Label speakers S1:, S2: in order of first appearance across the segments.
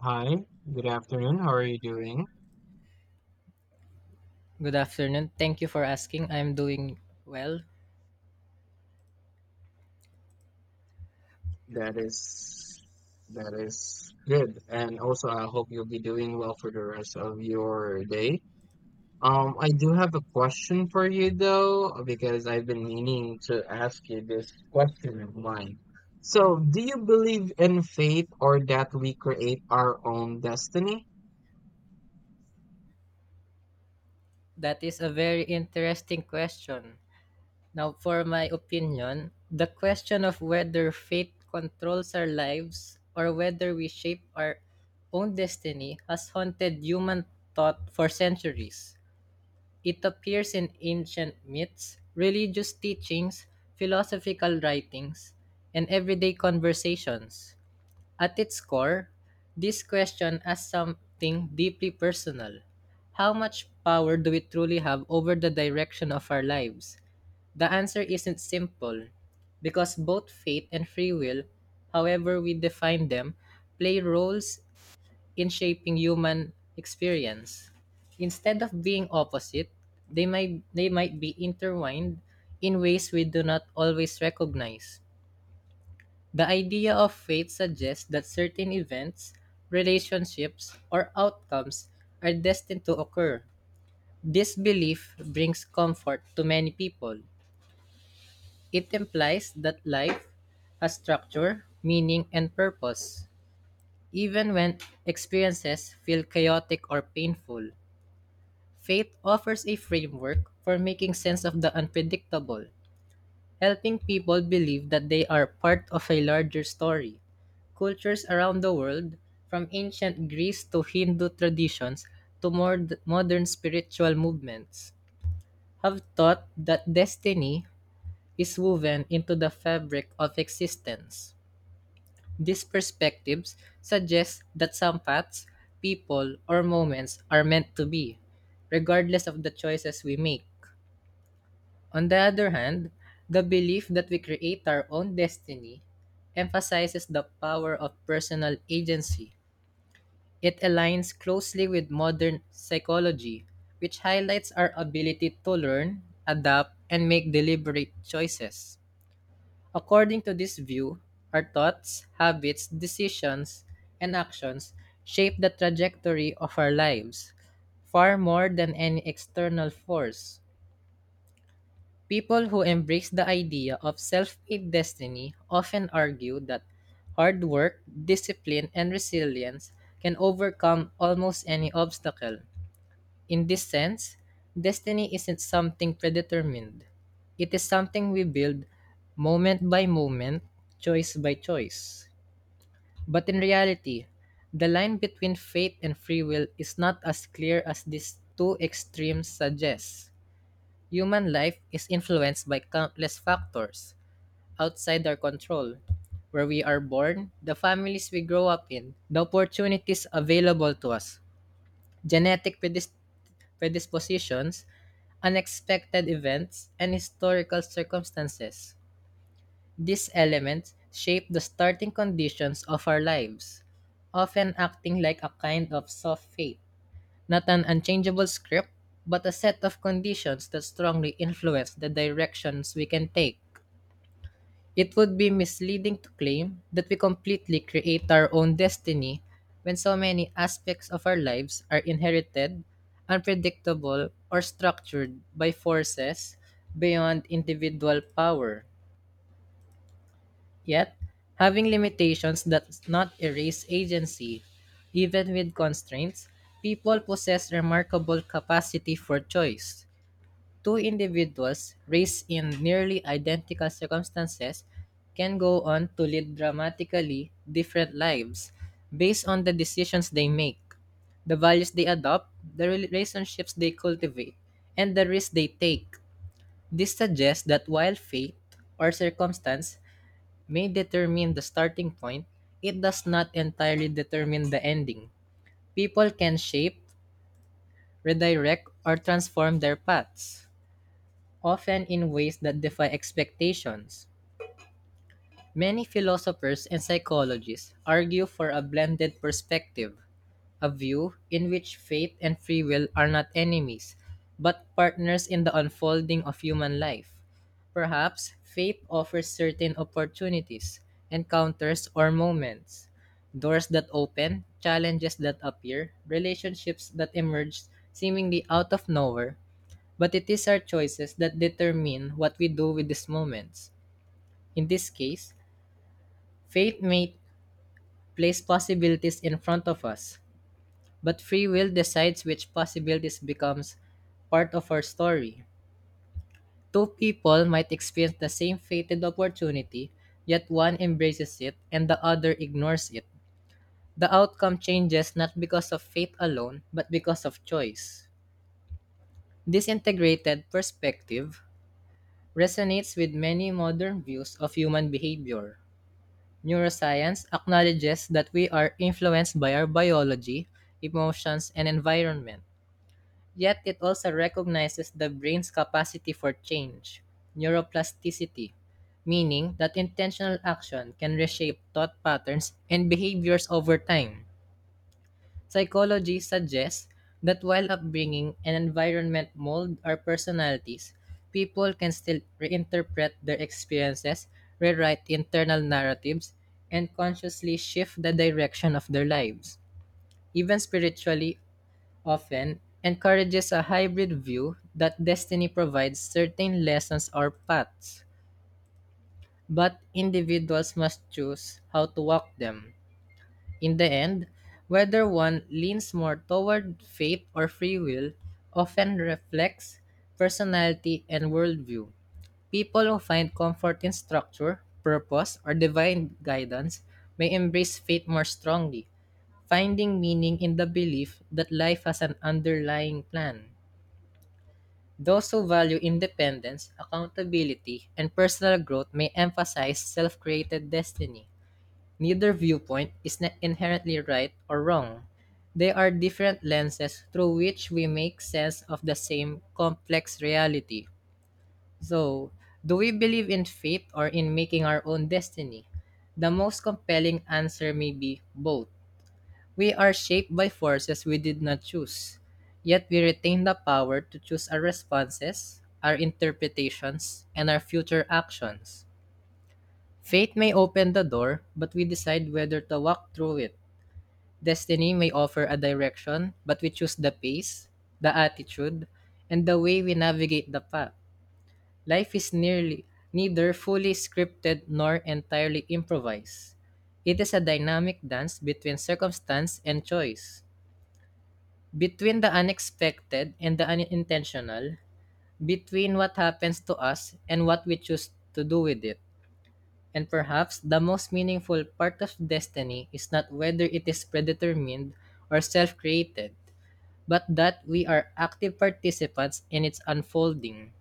S1: Hi, good afternoon. How are you doing?
S2: Good afternoon. Thank you for asking. I'm doing well.
S1: That is that is good. And also I hope you'll be doing well for the rest of your day. I do have a question for you though, because I've been meaning to ask you this question of mine. So, do you believe in fate or that we create our own destiny?
S2: That is a very interesting question. Now, for my opinion, the question of whether fate controls our lives or whether we shape our own destiny has haunted human thought for centuries. It appears in ancient myths, religious teachings, philosophical writings, and everyday conversations. At its core, this question asks something deeply personal. How much power do we truly have over the direction of our lives? The answer isn't simple, because both fate and free will, however we define them, play roles in shaping human experience. Instead of being opposite, they might be intertwined in ways we do not always recognize. The idea of fate suggests that certain events, relationships, or outcomes are destined to occur. This belief brings comfort to many people. It implies that life has structure, meaning, and purpose. Even when experiences feel chaotic or painful, faith offers a framework for making sense of the unpredictable, helping people believe that they are part of a larger story. Cultures around the world, from ancient Greece to Hindu traditions to more modern spiritual movements, have taught that destiny is woven into the fabric of existence. These perspectives suggest that some paths, people, or moments are meant to be, regardless of the choices we make. On the other hand, the belief that we create our own destiny emphasizes the power of personal agency. It aligns closely with modern psychology, which highlights our ability to learn, adapt, and make deliberate choices. According to this view, our thoughts, habits, decisions, and actions shape the trajectory of our lives far more than any external force. People who embrace the idea of self made destiny often argue that hard work, discipline, and resilience can overcome almost any obstacle. In this sense, destiny isn't something predetermined, it is something we build moment by moment, choice by choice. But in reality, the line between fate and free will is not as clear as these two extremes suggest. Human life is influenced by countless factors outside our control: where we are born, the families we grow up in, the opportunities available to us, genetic predispositions, unexpected events, and historical circumstances. These elements shape the starting conditions of our lives, often acting like a kind of soft fate, not an unchangeable script, but a set of conditions that strongly influence the directions we can take. It would be misleading to claim that we completely create our own destiny when so many aspects of our lives are inherited, unpredictable, or structured by forces beyond individual power. Yet, having limitations does not erase agency. Even with constraints, people possess remarkable capacity for choice. Two individuals raised in nearly identical circumstances can go on to lead dramatically different lives based on the decisions they make, the values they adopt, the relationships they cultivate, and the risks they take. This suggests that while fate or circumstance may determine the starting point, it does not entirely determine the ending. People can shape, redirect, or transform their paths, often in ways that defy expectations. Many philosophers and psychologists argue for a blended perspective, a view in which fate and free will are not enemies, but partners in the unfolding of human life. Perhaps fate offers certain opportunities, encounters, or moments, doors that open, challenges that appear, relationships that emerge seemingly out of nowhere, but it is our choices that determine what we do with these moments. In this case, fate may place possibilities in front of us, but free will decides which possibilities becomes part of our story. Two people might experience the same fated opportunity, yet one embraces it and the other ignores it. The outcome changes not because of fate alone, but because of choice. This integrated perspective resonates with many modern views of human behavior. Neuroscience acknowledges that we are influenced by our biology, emotions, and environment. Yet it also recognizes the brain's capacity for change, neuroplasticity, meaning that intentional action can reshape thought patterns and behaviors over time. Psychology suggests that while upbringing and environment mold our personalities, people can still reinterpret their experiences, rewrite internal narratives, and consciously shift the direction of their lives. Even spiritually, often encourages a hybrid view that destiny provides certain lessons or paths, but individuals must choose how to walk them. In the end, whether one leans more toward faith or free will often reflects personality and worldview. People who find comfort in structure, purpose, or divine guidance may embrace faith more strongly, finding meaning in the belief that life has an underlying plan. Those who value independence, accountability, and personal growth may emphasize self created destiny. Neither viewpoint is inherently right or wrong. They are different lenses through which we make sense of the same complex reality. So, do we believe in fate or in making our own destiny? The most compelling answer may be both. We are shaped by forces we did not choose, yet we retain the power to choose our responses, our interpretations, and our future actions. Fate may open the door, but we decide whether to walk through it. Destiny may offer a direction, but we choose the pace, the attitude, and the way we navigate the path. Life is nearly neither fully scripted nor entirely improvised. It is a dynamic dance between circumstance and choice, between the unexpected and the unintentional, between what happens to us and what we choose to do with it. And perhaps the most meaningful part of destiny is not whether it is predetermined or self created, but that we are active participants in its unfolding,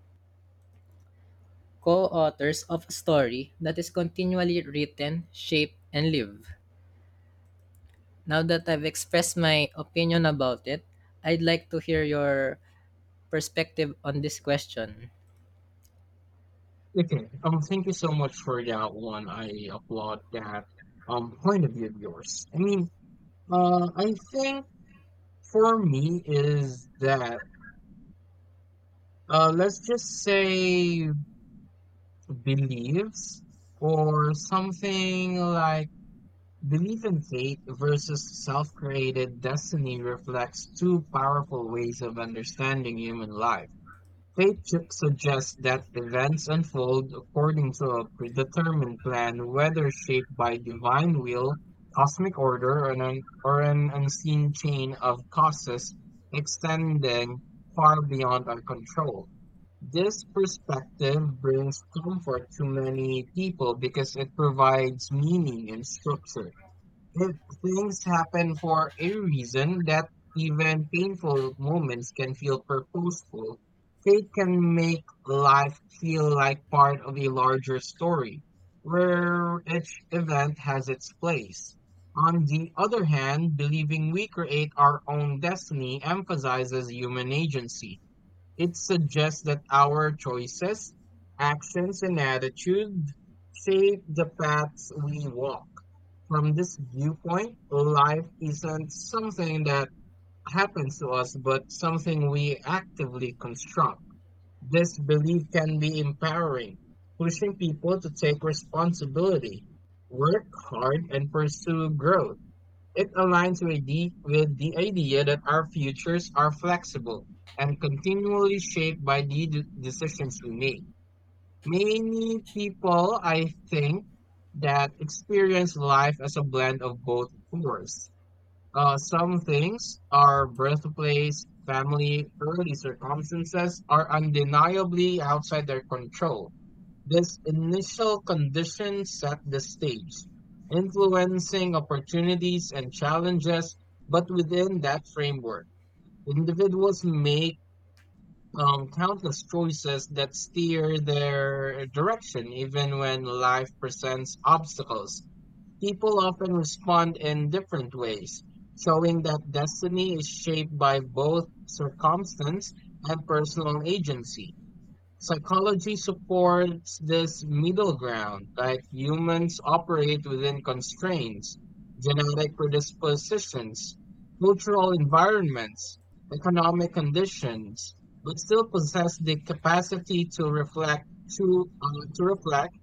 S2: co authors of a story that is continually written, shaped, and lived. Now that I've expressed my opinion about it, I'd like to hear your perspective on this question.
S1: Okay. Thank you so much for that one. I applaud that point of view of yours. I mean, I think for me is that let's just say beliefs or something like belief in fate versus self-created destiny reflects two powerful ways of understanding human life. Suggests that events unfold according to a predetermined plan, whether shaped by divine will, cosmic order, or an unseen chain of causes extending far beyond our control. This perspective brings comfort to many people because it provides meaning and structure. If things happen for a reason, that even painful moments can feel purposeful, fate can make life feel like part of a larger story, where each event has its place. On the other hand, believing we create our own destiny emphasizes human agency. It suggests that our choices, actions, and attitude shape the paths we walk. From this viewpoint, life isn't something that happens to us, but something we actively construct. This belief can be empowering, pushing people to take responsibility, work hard, and pursue growth. It aligns with the idea that our futures are flexible and continually shaped by the decisions we make. Many people, I think, that experience life as a blend of both forces. Some things, our birthplace, family, early circumstances, are undeniably outside their control. This initial condition set the stage, influencing opportunities and challenges, but within that framework, individuals make countless choices that steer their direction, even when life presents obstacles. People often respond in different ways, showing that destiny is shaped by both circumstance and personal agency. Psychology supports this middle ground, like humans operate within constraints, genetic predispositions, cultural environments, economic conditions, but still possess the capacity to reflect,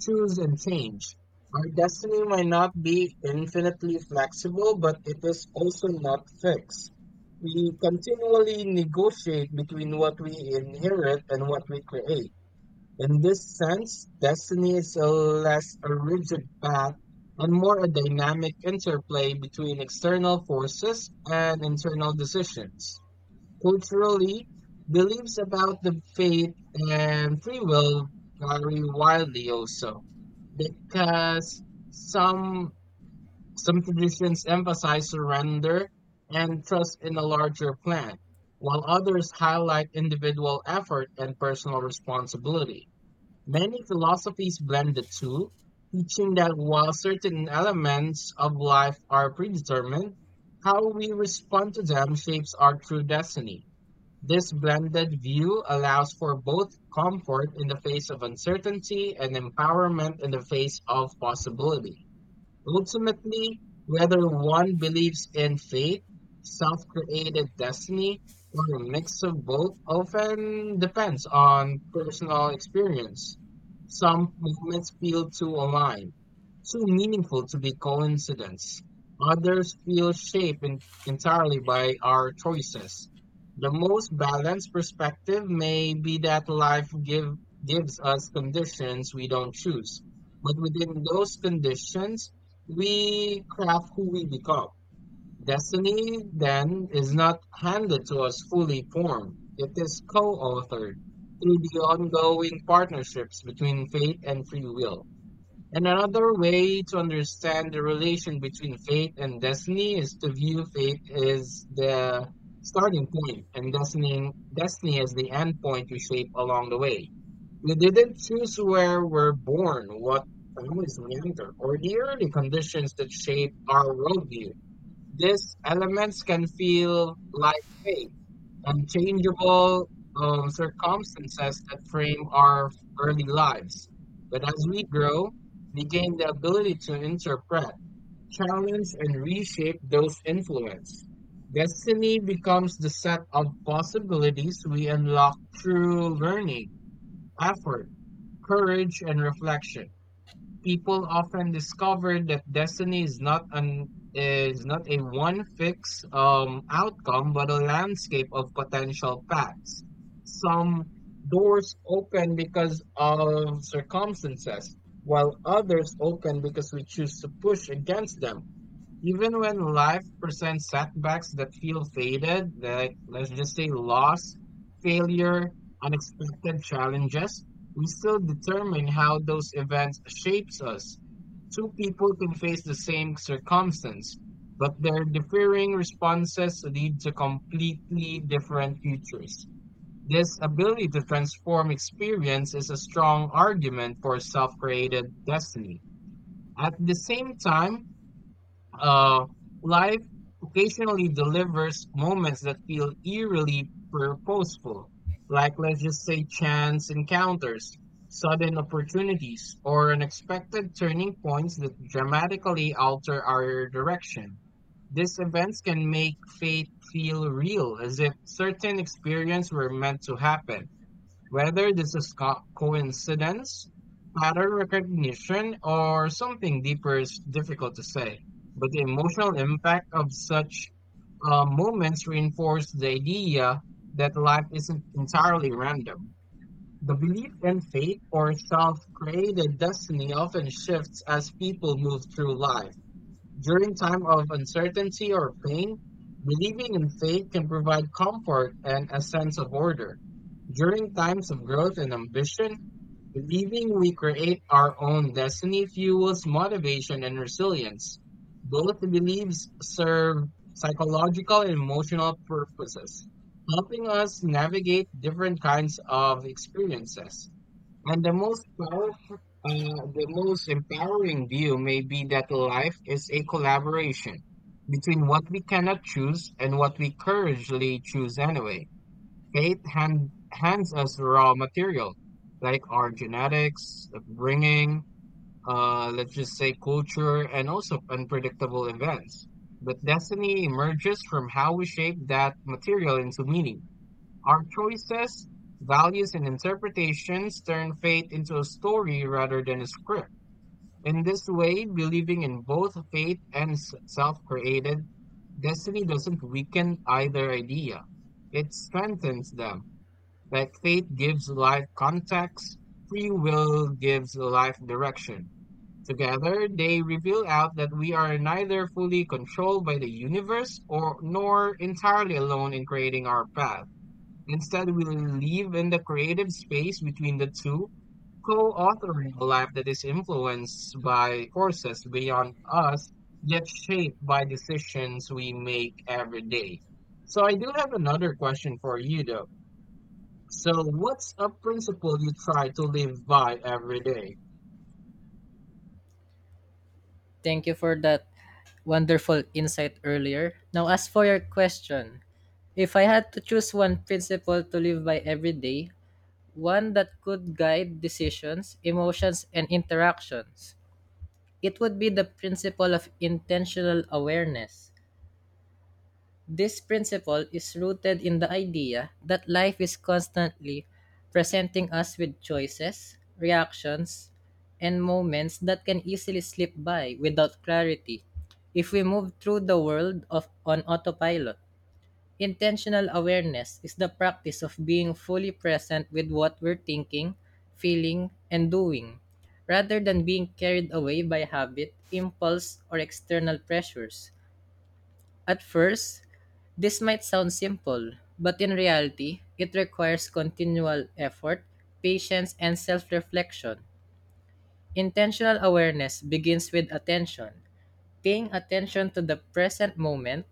S1: choose and change. Our destiny might not be infinitely flexible, but it is also not fixed. We continually negotiate between what we inherit and what we create. In this sense, destiny is a less a rigid path and more a dynamic interplay between external forces and internal decisions. Culturally, beliefs about the faith and free will vary wildly also because some some traditions emphasize surrender and trust in a larger plan, while others highlight individual effort and personal responsibility. Many philosophies blend the two, teaching that while certain elements of life are predetermined, how we respond to them shapes our true destiny. This blended view allows for both comfort in the face of uncertainty and empowerment in the face of possibility. Ultimately, whether one believes in fate, self-created destiny, or a mix of both often depends on personal experience. Some moments feel too aligned, too meaningful to be coincidence. Others feel shaped entirely by our choices. The most balanced perspective may be that gives us conditions we don't choose, but within those conditions, we craft who we become. Destiny, then, is not handed to us fully formed, it is co authored through the ongoing partnerships between fate and free will. And another way to understand the relation between fate and destiny is to view fate as the starting point and destiny as the end point we shape along the way. We didn't choose where we're born, what families we enter, or the early conditions that shape our worldview. These elements can feel like fate, unchangeable circumstances that frame our early lives. But as we grow, we gain the ability to interpret, challenge, and reshape those influences. Destiny becomes the set of possibilities we unlock through learning, effort, courage, and reflection. People often discover that destiny is not an is not a one fixed outcome but a landscape of potential paths. Some doors open because of circumstances while others open because we choose to push against them. Even when life presents setbacks that feel faded, like let's just say loss, failure, unexpected challenges, we still determine how those events shapes us. Two people can face the same circumstance, but their differing responses lead to completely different futures. This ability to transform experience is a strong argument for self-created destiny. At the same time, uh, life occasionally delivers moments that feel eerily purposeful, like let's just say chance encounters, sudden opportunities, or unexpected turning points that dramatically alter our direction. These events can make fate feel real, as if certain experience were meant to happen, whether this is coincidence, pattern recognition, or something deeper is difficult to say, but the emotional impact of such moments reinforce the idea that life isn't entirely random. The belief in fate or self created destiny often shifts as people move through life. During time of uncertainty or pain, believing in faith can provide comfort and a sense of order. During times of growth and ambition, believing we create our own destiny fuels motivation and resilience. Both beliefs serve psychological and emotional purposes, helping us navigate different kinds of experiences. And the most empowering view may be that life is a collaboration between what we cannot choose and what we courageously choose anyway. Fate hands us raw material, like our genetics, upbringing, let's just say culture, and also unpredictable events. But destiny emerges from how we shape that material into meaning. Our choices, values, and interpretations turn fate into a story rather than a script. In this way, believing in both fate and self created destiny doesn't weaken either idea, it strengthens them. Like faith gives life context, free will gives life direction. Together, they reveal out that we are neither fully controlled by the universe or nor entirely alone in creating our path. Instead, we live in the creative space between the two, co-authoring a life that is influenced by forces beyond us, yet shaped by decisions we make every day. So I do have another question for you though. So, what's a principle you try to live by every day?
S2: Thank you for that wonderful insight earlier. Now, as for your question, if I had to choose one principle to live by every day, one that could guide decisions, emotions, and interactions, it would be the principle of intentional awareness. This principle is rooted in the idea that life is constantly presenting us with choices, reactions, and moments that can easily slip by without clarity if we move through the world of on autopilot. Intentional awareness is the practice of being fully present with what we're thinking, feeling, and doing, rather than being carried away by habit, impulse, or external pressures. At first, this might sound simple, but in reality, it requires continual effort, patience, and self reflection. Intentional awareness begins with attention, paying attention to the present moment,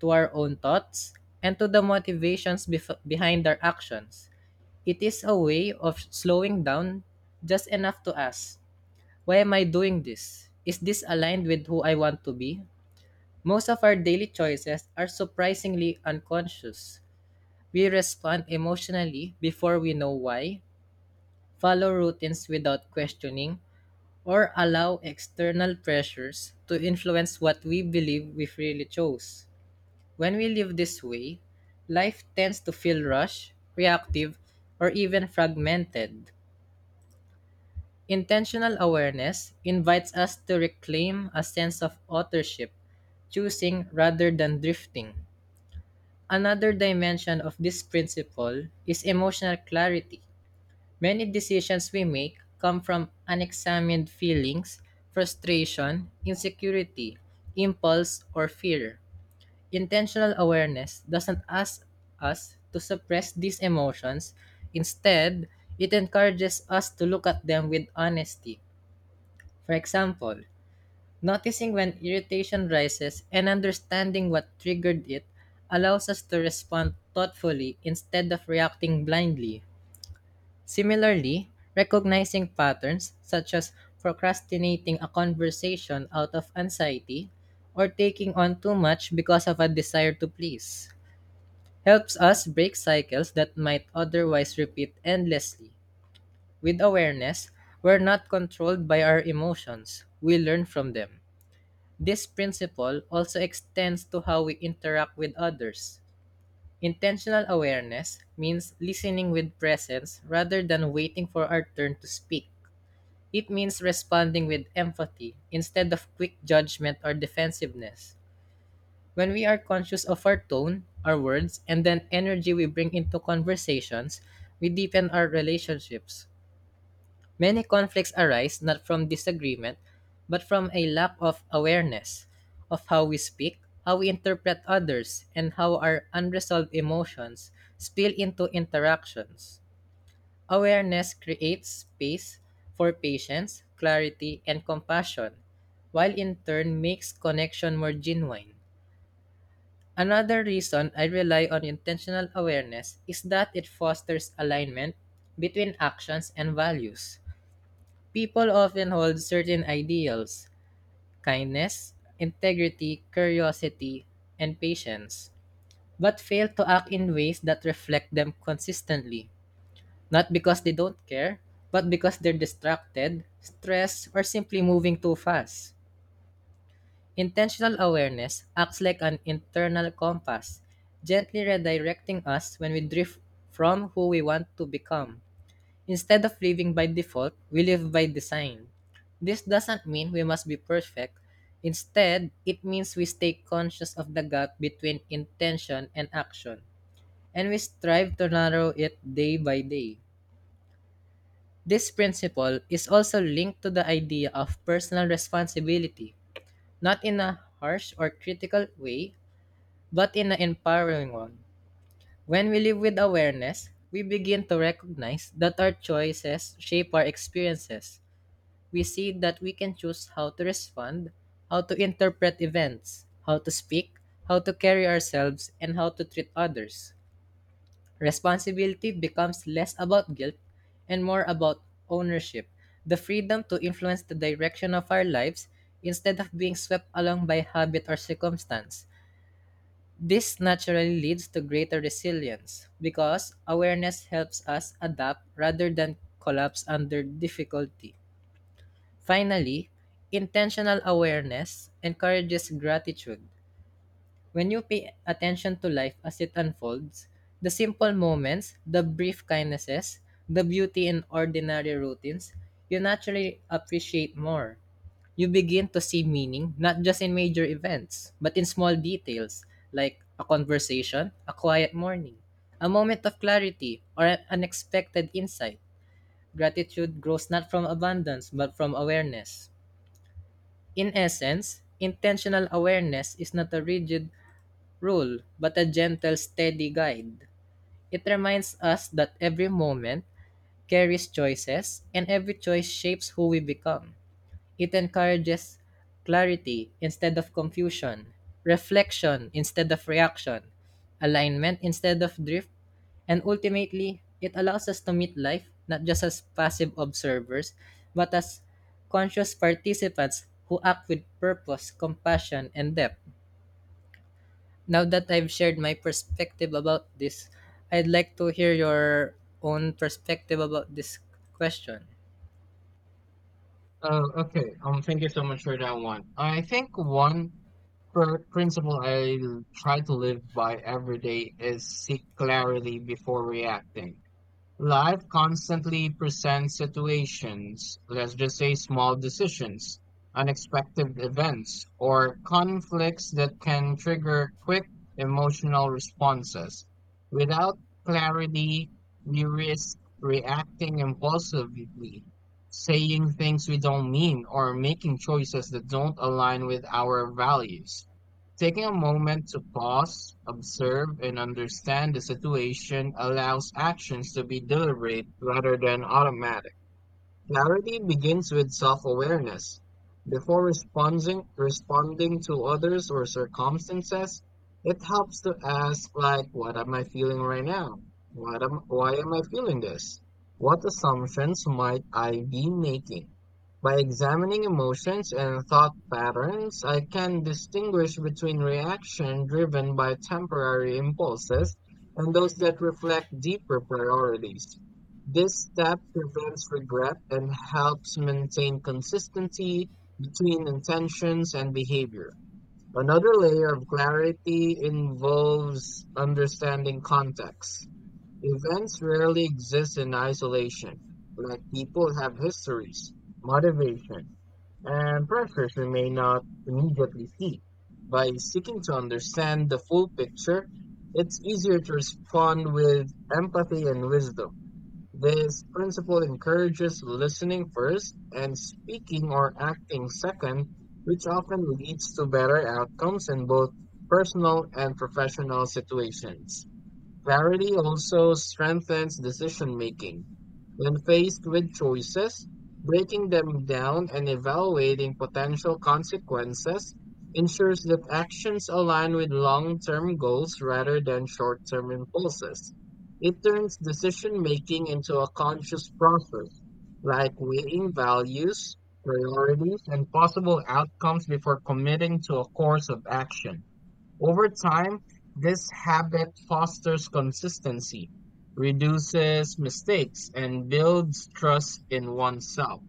S2: to our own thoughts, and to the motivations behind our actions. It is a way of slowing down just enough to ask, why am I doing this? Is this aligned with who I want to be? Most of our daily choices are surprisingly unconscious. We respond emotionally before we know why, follow routines without questioning, or allow external pressures to influence what we believe we freely chose. When we live this way, life tends to feel rushed, reactive, or even fragmented. Intentional awareness invites us to reclaim a sense of authorship, choosing rather than drifting. Another dimension of this principle is emotional clarity. Many decisions we make come from unexamined feelings, frustration, insecurity, impulse, or fear. Intentional awareness doesn't ask us to suppress these emotions. Instead, it encourages us to look at them with honesty. For example, noticing when irritation rises and understanding what triggered it allows us to respond thoughtfully instead of reacting blindly. Similarly, recognizing patterns such as procrastinating a conversation out of anxiety or taking on too much because of a desire to please helps us break cycles that might otherwise repeat endlessly. With awareness, we're not controlled by our emotions, we learn from them. This principle also extends to how we interact with others. Intentional awareness means listening with presence rather than waiting for our turn to speak. It means responding with empathy instead of quick judgment or defensiveness. When we are conscious of our tone, our words, and the energy we bring into conversations, we deepen our relationships. Many conflicts arise not from disagreement, but from a lack of awareness of how we speak, how we interpret others, and how our unresolved emotions spill into interactions. Awareness creates space for patience, clarity, and compassion, while in turn makes connection more genuine. Another reason I rely on intentional awareness is that it fosters alignment between actions and values. People often hold certain ideals: kindness, integrity, curiosity, and patience, but fail to act in ways that reflect them consistently. Not because they don't care, but because they're distracted, stressed, or simply moving too fast. Intentional awareness acts like an internal compass, gently redirecting us when we drift from who we want to become. Instead of living by default, we live by design. This doesn't mean we must be perfect. Instead, it means we stay conscious of the gap between intention and action, and we strive to narrow it day by day. This principle is also linked to the idea of personal responsibility, not in a harsh or critical way, but in an empowering one. When we live with awareness, we begin to recognize that our choices shape our experiences. We see that we can choose how to respond, how to interpret events, how to speak, how to carry ourselves, and how to treat others. Responsibility becomes less about guilt and more about ownership, the freedom to influence the direction of our lives instead of being swept along by habit or circumstance. This naturally leads to greater resilience because awareness helps us adapt rather than collapse under difficulty. Finally, intentional awareness encourages gratitude. When you pay attention to life as it unfolds, the simple moments, the brief kindnesses, the beauty in ordinary routines, you naturally appreciate more. You begin to see meaning not just in major events, but in small details like a conversation, a quiet morning, a moment of clarity, or an unexpected insight. Gratitude grows not from abundance, but from awareness. In essence, intentional awareness is not a rigid rule, but a gentle, steady guide. It reminds us that every moment carries choices, and every choice shapes who we become. It encourages clarity instead of confusion, reflection instead of reaction, alignment instead of drift, and ultimately, it allows us to meet life not just as passive observers, but as conscious participants who act with purpose, compassion, and depth. Now that I've shared my perspective about this, I'd like to hear your own perspective about this question.
S1: Oh, okay. Thank you so much for that one. I think one principle try to live by every day is seek clarity before reacting. Life constantly presents situations, let's just say small decisions, unexpected events, or conflicts that can trigger quick emotional responses. Without clarity, we risk reacting impulsively, saying things we don't mean, or making choices that don't align with our values. Taking a moment to pause, observe, and understand the situation allows actions to be deliberate rather than automatic. Clarity begins with self-awareness. Before responding to others or circumstances, it helps to ask like, what am I feeling right now? Why am I feeling this? What assumptions might I be making? By examining emotions and thought patterns, I can distinguish between reaction driven by temporary impulses and those that reflect deeper priorities. This step prevents regret and helps maintain consistency between intentions and behavior. Another layer of clarity involves understanding context. Events rarely exist in isolation, like people have histories, motivation, and pressures we may not immediately see. By seeking to understand the full picture, it's easier to respond with empathy and wisdom. This principle encourages listening first and speaking or acting second, which often leads to better outcomes in both personal and professional situations. Clarity also strengthens decision making. When faced with choices, breaking them down and evaluating potential consequences ensures that actions align with long term goals rather than short term impulses. It turns decision making into a conscious process, like weighing values, priorities, and possible outcomes before committing to a course of action. Over time, this habit fosters consistency, reduces mistakes, and builds trust in oneself.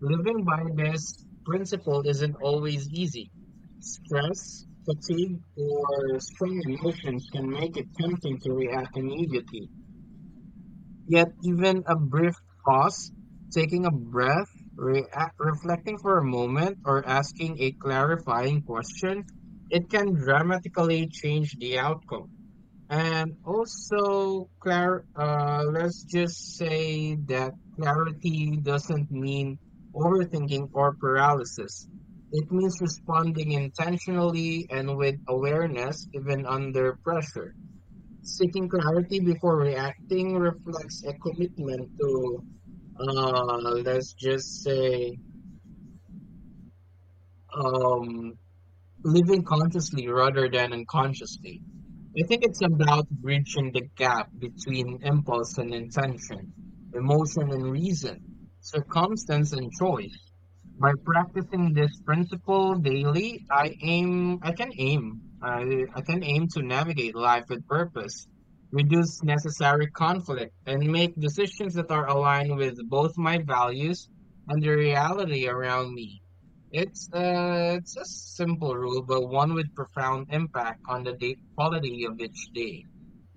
S1: Living by this principle isn't always easy. Stress, fatigue, or strong emotions can make it tempting to react immediately. Yet, even a brief pause, taking a breath, re- reflecting for a moment, or asking a clarifying question, it can dramatically change the outcome. And also, let's just say that clarity doesn't mean overthinking or paralysis. It means responding intentionally and with awareness, even under pressure. Seeking clarity before reacting reflects a commitment to, uh, let's just say, um, living consciously rather than unconsciously. I think it's about bridging the gap between impulse and intention, emotion and reason, circumstance and choice. By practicing this principle daily, I aim I can aim. I can aim to navigate life with purpose, reduce necessary conflict, and make decisions that are aligned with both my values and the reality around me. It's a simple rule, but one with profound impact on the day quality of each day.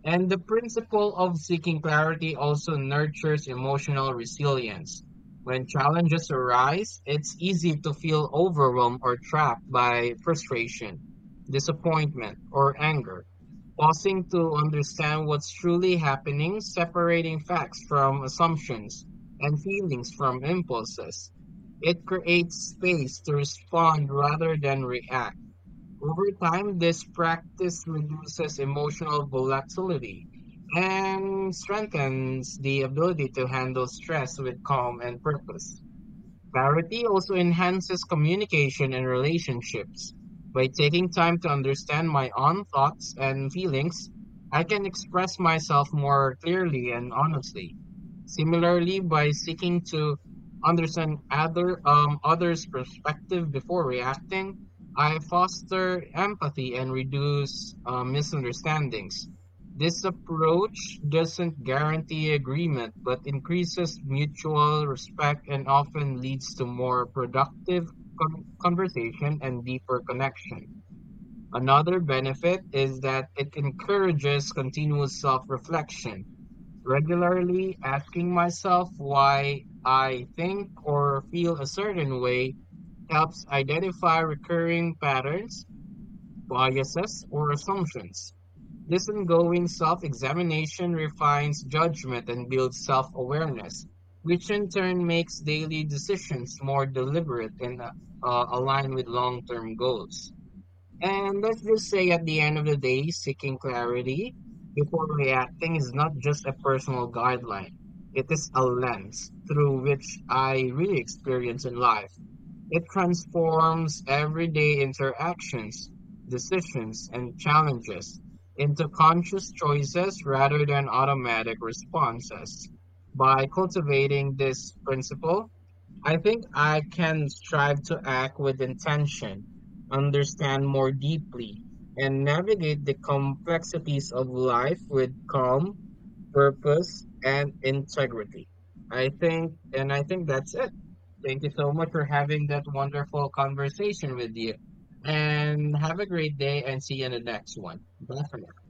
S1: And the principle of seeking clarity also nurtures emotional resilience. When challenges arise, it's easy to feel overwhelmed or trapped by frustration, disappointment, or anger. Pausing to understand what's truly happening, separating facts from assumptions and feelings from impulses. It creates space to respond rather than react. Over time, this practice reduces emotional volatility and strengthens the ability to handle stress with calm and purpose. Clarity also enhances communication and relationships. By taking time to understand my own thoughts and feelings, I can express myself more clearly and honestly. Similarly, by seeking to understand others' perspective before reacting, I foster empathy and reduce misunderstandings. This approach doesn't guarantee agreement, but increases mutual respect and often leads to more productive conversation and deeper connection. Another benefit is that it encourages continuous self reflection, regularly asking myself why I think or feel a certain way helps identify recurring patterns, biases, or assumptions. This ongoing self examination refines judgment and builds self awareness, which in turn makes daily decisions more deliberate and aligned with long term goals. And let's just say at the end of the day, seeking clarity before reacting is not just a personal guideline, it is a lens through which I really experience in life. It transforms everyday interactions, decisions, and challenges into conscious choices rather than automatic responses. By cultivating this principle, I think I can strive to act with intention, understand more deeply, and navigate the complexities of life with calm purpose and integrity. I think, and I think that's it. Thank you so much for having that wonderful conversation with you. And have a great day and see you in the next one. Bye for now.